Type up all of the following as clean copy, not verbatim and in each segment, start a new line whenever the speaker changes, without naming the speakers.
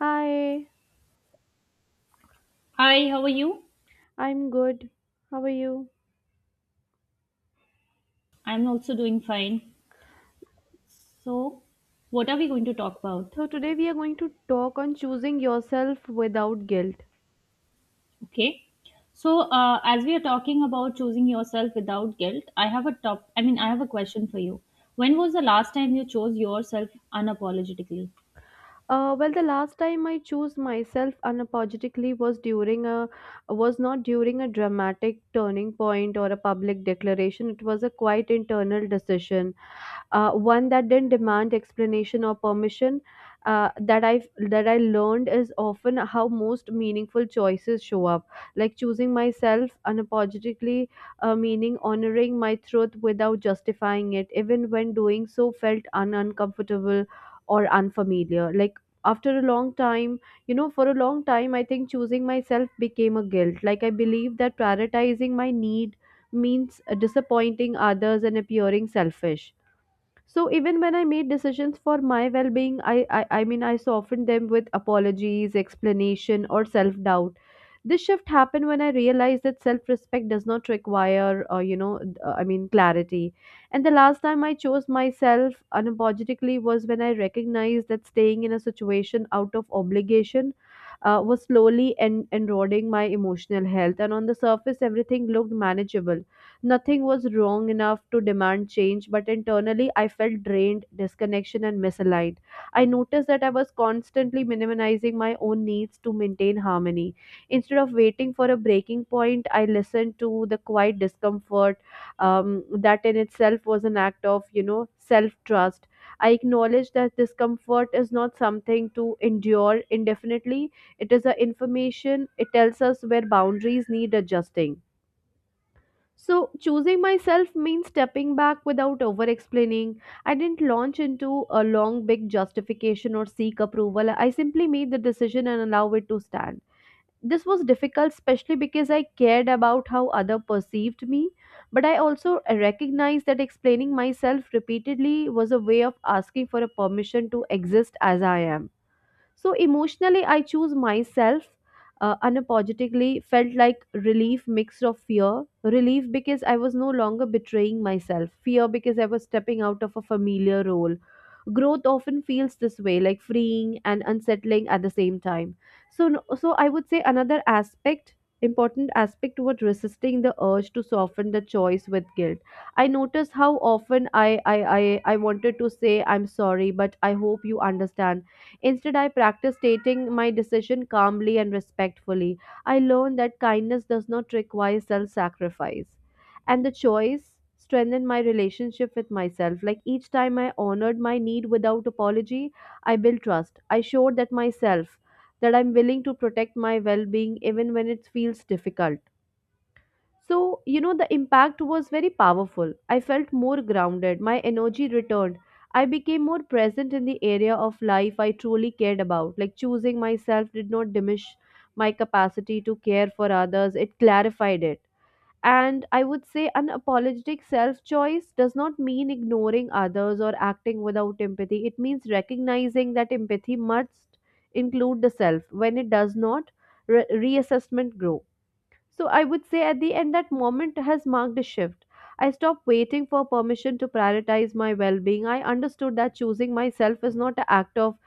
Hi,
Hi, how are you?
I'm good. How are you?
I'm also doing fine. So, what are we going to talk about?
So, today we are going to talk on choosing yourself without guilt.
Okay. So, as we are talking about choosing yourself without guilt, I have a top. I mean, I have a question for you. When was the last time you chose yourself unapologetically?
Well, the last time I chose myself unapologetically was during a was not during a dramatic turning point or a public declaration. It was a quite internal decision, one that didn't demand explanation or permission. Uh, that I that I learned is often how most meaningful choices show up, like choosing myself unapologetically, meaning honoring my truth without justifying it, even when doing so felt uncomfortable or unfamiliar. Like after a long time, for a long time, I think choosing myself became a guilt. Like I believe that prioritizing my need means disappointing others and appearing selfish. So even when I made decisions for my well-being, I softened them with apologies, explanation, or self-doubt. This shift happened when I realized that self-respect does not require clarity. And the last time I chose myself unapologetically was when I recognized that staying in a situation out of obligation was slowly eroding my emotional health. And on the surface, everything looked manageable. Nothing was wrong enough to demand change, but internally I felt drained, disconnection, and misaligned. I noticed that I was constantly minimizing my own needs to maintain harmony. Instead of waiting for a breaking point, I listened to the quiet discomfort. That in itself was an act of, self trust. I acknowledged that discomfort is not something to endure indefinitely. It is a information. It tells us where boundaries need adjusting. So, choosing myself means stepping back without over explaining. I didn't launch into a long, big justification or seek approval. I simply made the decision and allow it to stand. This was difficult, especially because I cared about how other perceived me. But I also recognized that explaining myself repeatedly was a way of asking for a permission to exist as I am. So emotionally, I choose myself unapologetically. Felt like relief mixed of fear. Relief because I was no longer betraying myself. Fear because I was stepping out of a familiar role. Growth often feels this way, like freeing and unsettling at the same time. So, so I would say another aspect, important aspect toward resisting the urge to soften the choice with guilt. I noticed how often I wanted to say I'm sorry, but I hope you understand. Instead, I practiced stating my decision calmly and respectfully. I learned that kindness does not require self sacrifice. And the choice strengthened my relationship with myself. Like each time I honored my need without apology, I built trust. I showed that myself that I'm willing to protect my well being even when it feels difficult. So, the impact was very powerful. I felt more grounded, my energy returned. I became more present in the area of life I truly cared about. Like choosing myself did not diminish my capacity to care for others, it clarified it. And I would say unapologetic self choice does not mean ignoring others or acting without empathy. It means recognizing that empathy must include the self. When it does not, reassessment grows. So I would say at the end, that moment has marked a shift. I stopped waiting for permission to prioritize my well being. I understood that choosing myself is not an act of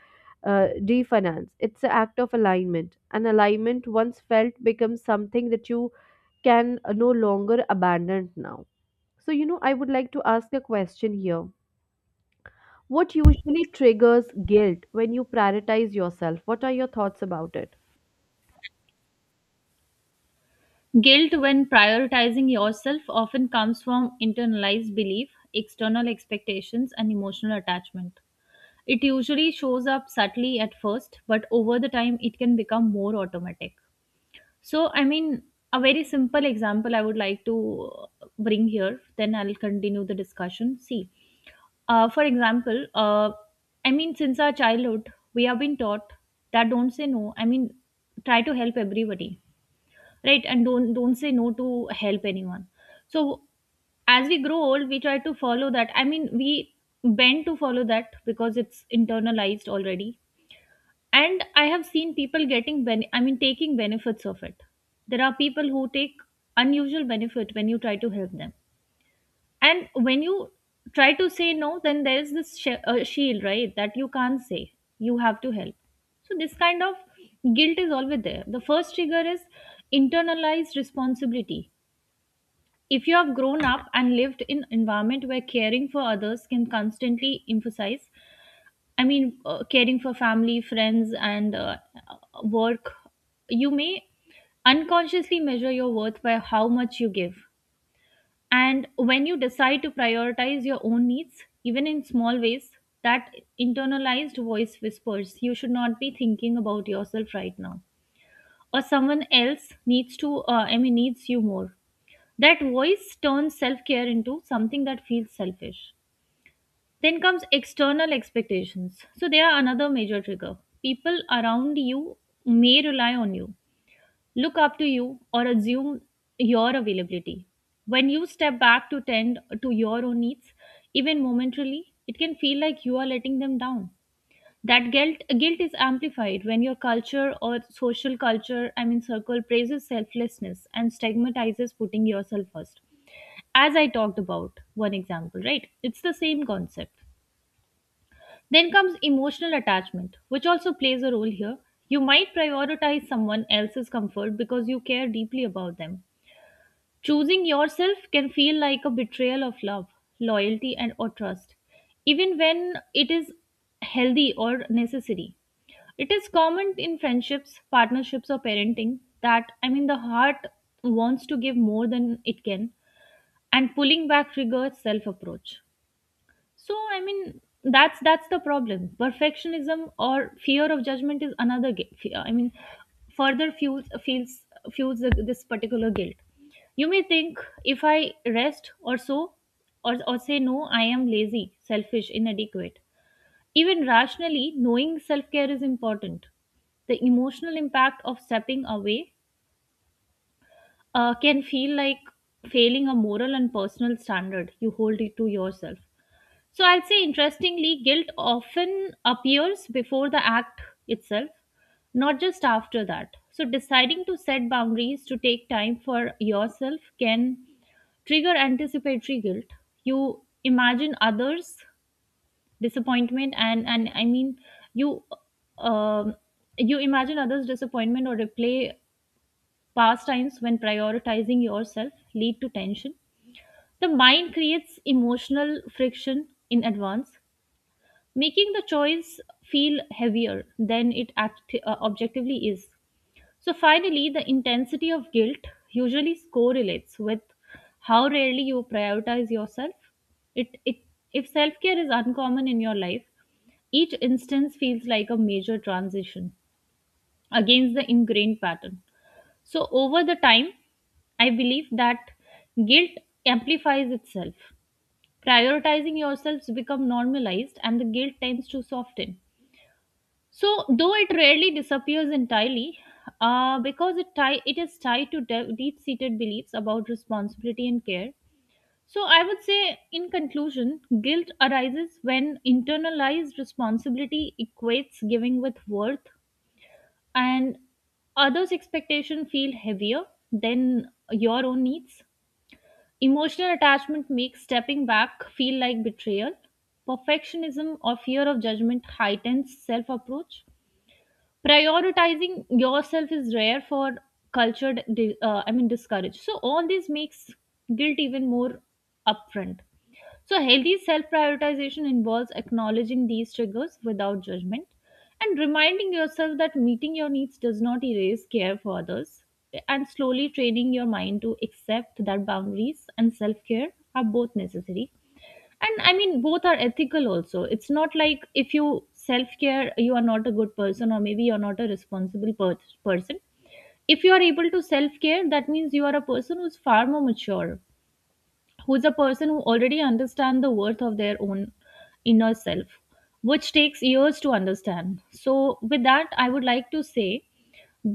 definance, it's an act of alignment. An alignment once felt becomes something that you can no longer abandon now. So, I would like to ask a question here. What usually triggers guilt when you prioritize yourself? What are your thoughts about it?
Guilt when prioritizing yourself often comes from internalized belief, external expectations, and emotional attachment. It usually shows up subtly at first, but over the time, it can become more automatic. So, I mean, a very simple example I would like to bring here, then I'll continue the discussion. See, for example, I mean, since our childhood, we have been taught that don't say no. I mean, try to help everybody, right? And don't say no to help anyone. So, as we grow old, we try to follow that. I mean, we bend to follow that because it's internalized already, and I have seen people getting I mean taking benefits of it. There are people who take unusual benefit when you try to help them, and when you try to say no, then there is this shield, right, that you can't say, you have to help. So this kind of guilt is always there. The first trigger is internalized responsibility. If you have grown up and lived in environment where caring for others can constantly emphasize, I mean, caring for family, friends, and work, you may unconsciously measure your worth by how much you give. And when you decide to prioritize your own needs, even in small ways, that internalized voice whispers, you should not be thinking about yourself right now. Or someone else needs to, I mean, needs you more. That voice turns self care into something that feels selfish. Then comes external expectations. So they are another major trigger. People around you may rely on you, look up to you, or assume your availability. When you step back to tend to your own needs, even momentarily, it can feel like you are letting them down. That guilt is amplified when your culture or social culture, I mean circle, praises selflessness and stigmatizes putting yourself first, as I talked about one example, right? It's the same concept. Then comes emotional attachment, which also plays a role here. You might prioritize someone else's comfort because you care deeply about them. Choosing yourself can feel like a betrayal of love, loyalty, and or trust, even when it is healthy or necessary. It is common in friendships, partnerships, or parenting, that I mean the heart wants to give more than it can, and pulling back triggers self-approach. So I mean that's the problem. Perfectionism or fear of judgment is another fear. I mean further fuels this particular guilt. You may think, if I rest or so, or say no, I am lazy, selfish, inadequate. Even rationally, knowing self-care is important. The emotional impact of stepping away can feel like failing a moral and personal standard you hold it to yourself. So I'll say, interestingly, guilt often appears before the act itself, not just after that. So deciding to set boundaries to take time for yourself can trigger anticipatory guilt. You imagine others' disappointment, and I mean, you um, you imagine others' disappointment or replay past times when prioritizing yourself lead to tension. The mind creates emotional friction in advance, making the choice feel heavier than it objectively is. So, finally, the intensity of guilt usually correlates with how rarely you prioritize yourself. It, it, if self care is uncommon in your life, each instance feels like a major transition against the ingrained pattern. So, over the time, I believe that guilt amplifies itself. Prioritizing yourselves become normalized and the guilt tends to soften. So, though it rarely disappears entirely, because it is tied to deep seated beliefs about responsibility and care. So, I would say, in conclusion, guilt arises when internalized responsibility equates giving with worth, and others' expectations feel heavier than your own needs. Emotional attachment makes stepping back feel like betrayal. Perfectionism or fear of judgment heightens self approach, prioritizing yourself is rare for cultured I mean discouraged, so all this makes guilt even more upfront. So healthy self prioritization involves acknowledging these triggers without judgment, and reminding yourself that meeting your needs does not erase care for others, and slowly training your mind to accept that boundaries and self care are both necessary. And I mean both are ethical also. It's not like if you self care you are not a good person, or maybe you're not a responsible person. If you are able to self care, that means you are a person who's far more mature, who's a person who already understands the worth of their own inner self, which takes years to understand. So with that, I would like to say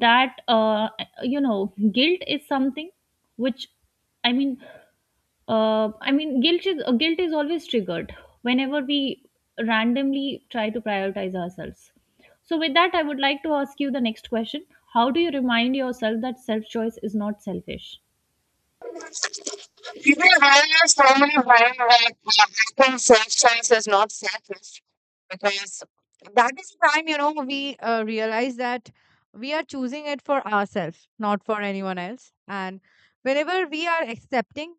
that, you know, guilt is something which, I mean, guilt is always triggered whenever we randomly try to prioritize ourselves. So, with that, I would like to ask you the next question: how do you remind yourself that self choice is not selfish?
Even where so many hacking self choice is not selfish because that is the time we realize that we are choosing it for ourselves, not for anyone else. And whenever we are accepting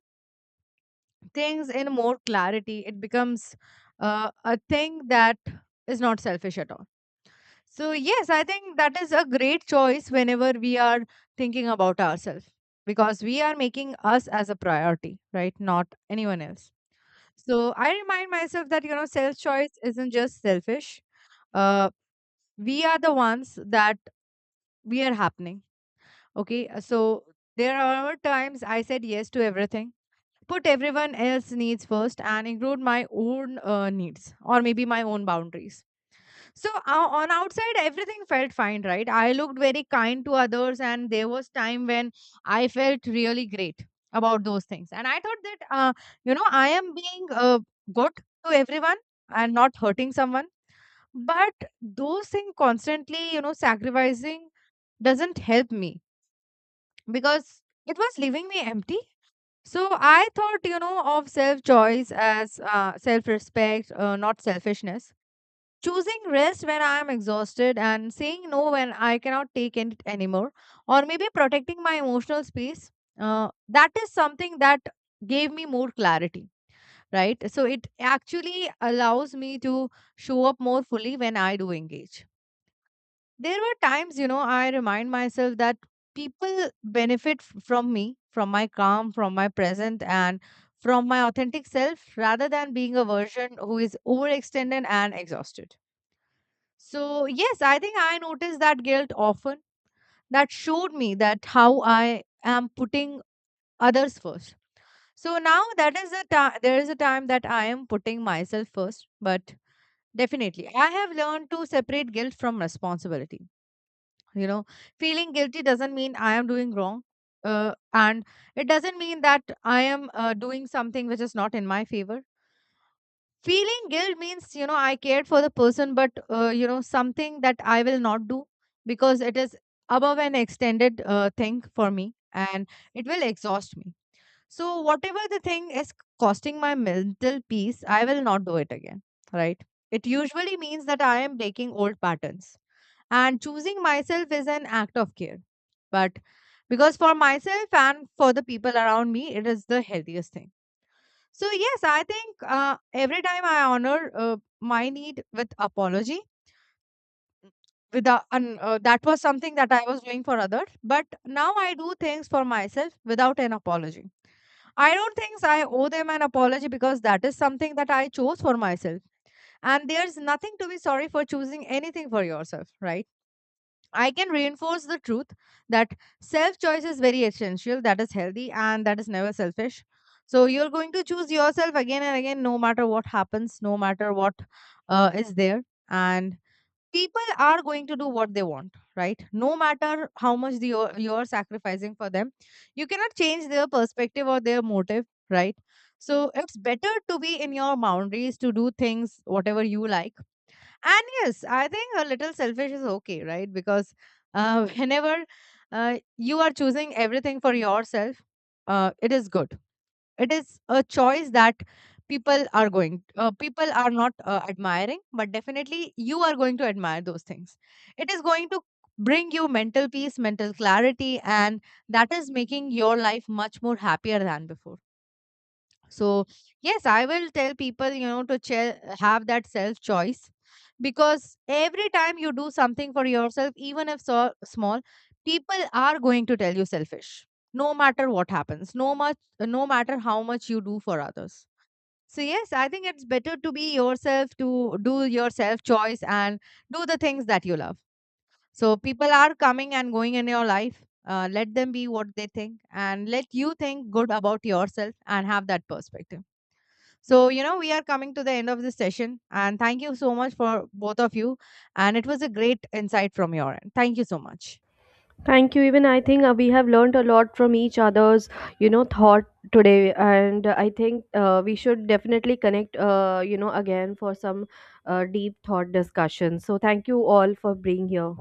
things in more clarity, it becomes a thing that is not selfish at all. So yes, I think that is a great choice whenever we are thinking about ourselves, because we are making us as a priority, right? Not anyone else. So I remind myself that, self choice isn't just selfish. Uh, we are the ones that we are happening. Okay. So there are times I said yes to everything, put everyone else needs first and include my own needs, or maybe my own boundaries. So on outside, everything felt fine, right? I looked very kind to others, and there was time when I felt really great about those things. And I thought that, I am being good to everyone and not hurting someone. But those things constantly, sacrificing doesn't help me, because it was leaving me empty. So I thought, of self choice as self respect, not selfishness, choosing rest when I am exhausted and saying no when I cannot take it anymore, or maybe protecting my emotional space. That is something that gave me more clarity, right? So it actually allows me to show up more fully when I do engage. There were times, I remind myself that people benefit from me, from my calm, from my present, and from my authentic self, rather than being a version who is overextended and exhausted. So yes, I think I noticed that guilt often. That showed me that how I am putting others first. So now that is a time, there is a time that I am putting myself first, but definitely I have learned to separate guilt from responsibility. You know, feeling guilty doesn't mean I am doing wrong. And it doesn't mean that I am doing something which is not in my favor. Feeling guilt means I cared for the person, but something that I will not do, because it is above an extended thing for me, and it will exhaust me. So whatever the thing is costing my mental peace, I will not do it again, right? It usually means that I am breaking old patterns, and choosing myself is an act of care. But because for myself and for the people around me, it is the healthiest thing. So yes, I think every time I honor my need with apology, with the that was something that I was doing for others, but now I do things for myself without an apology. I don't think I owe them an apology, because that is something that I chose for myself, and there's nothing to be sorry for choosing anything for yourself, right? I can reinforce the truth that self choice is very essential, that is healthy, and that is never selfish. So you're going to choose yourself again and again, no matter what happens, no matter what is there. And people are going to do what they want, right? No matter how much you're sacrificing for them, you cannot change their perspective or their motive, right? So it's better to be in your boundaries, to do things, whatever you like. And yes, I think a little selfish is okay, right? Because whenever you are choosing everything for yourself, it is good. It is a choice that people are not admiring, but definitely you are going to admire those things. It is going to bring you mental peace, mental clarity, and that is making your life much more happier than before. So yes, I will tell people, to have that self choice, because every time you do something for yourself, even if so small, people are going to tell you selfish, no matter what happens, no matter how much you do for others. So yes, I think it's better to be yourself, to do your self choice and do the things that you love. So, people are coming and going in your life. Let them be what they think, and let you think good about yourself and have that perspective. So, you know, we are coming to the end of this session. And thank you so much for both of you. And it was a great insight from your end. Thank you so much.
Thank you. Even I think we have learned a lot from each other's, thought today, and I think we should definitely connect, again for some deep thought discussion. So thank you all for being here.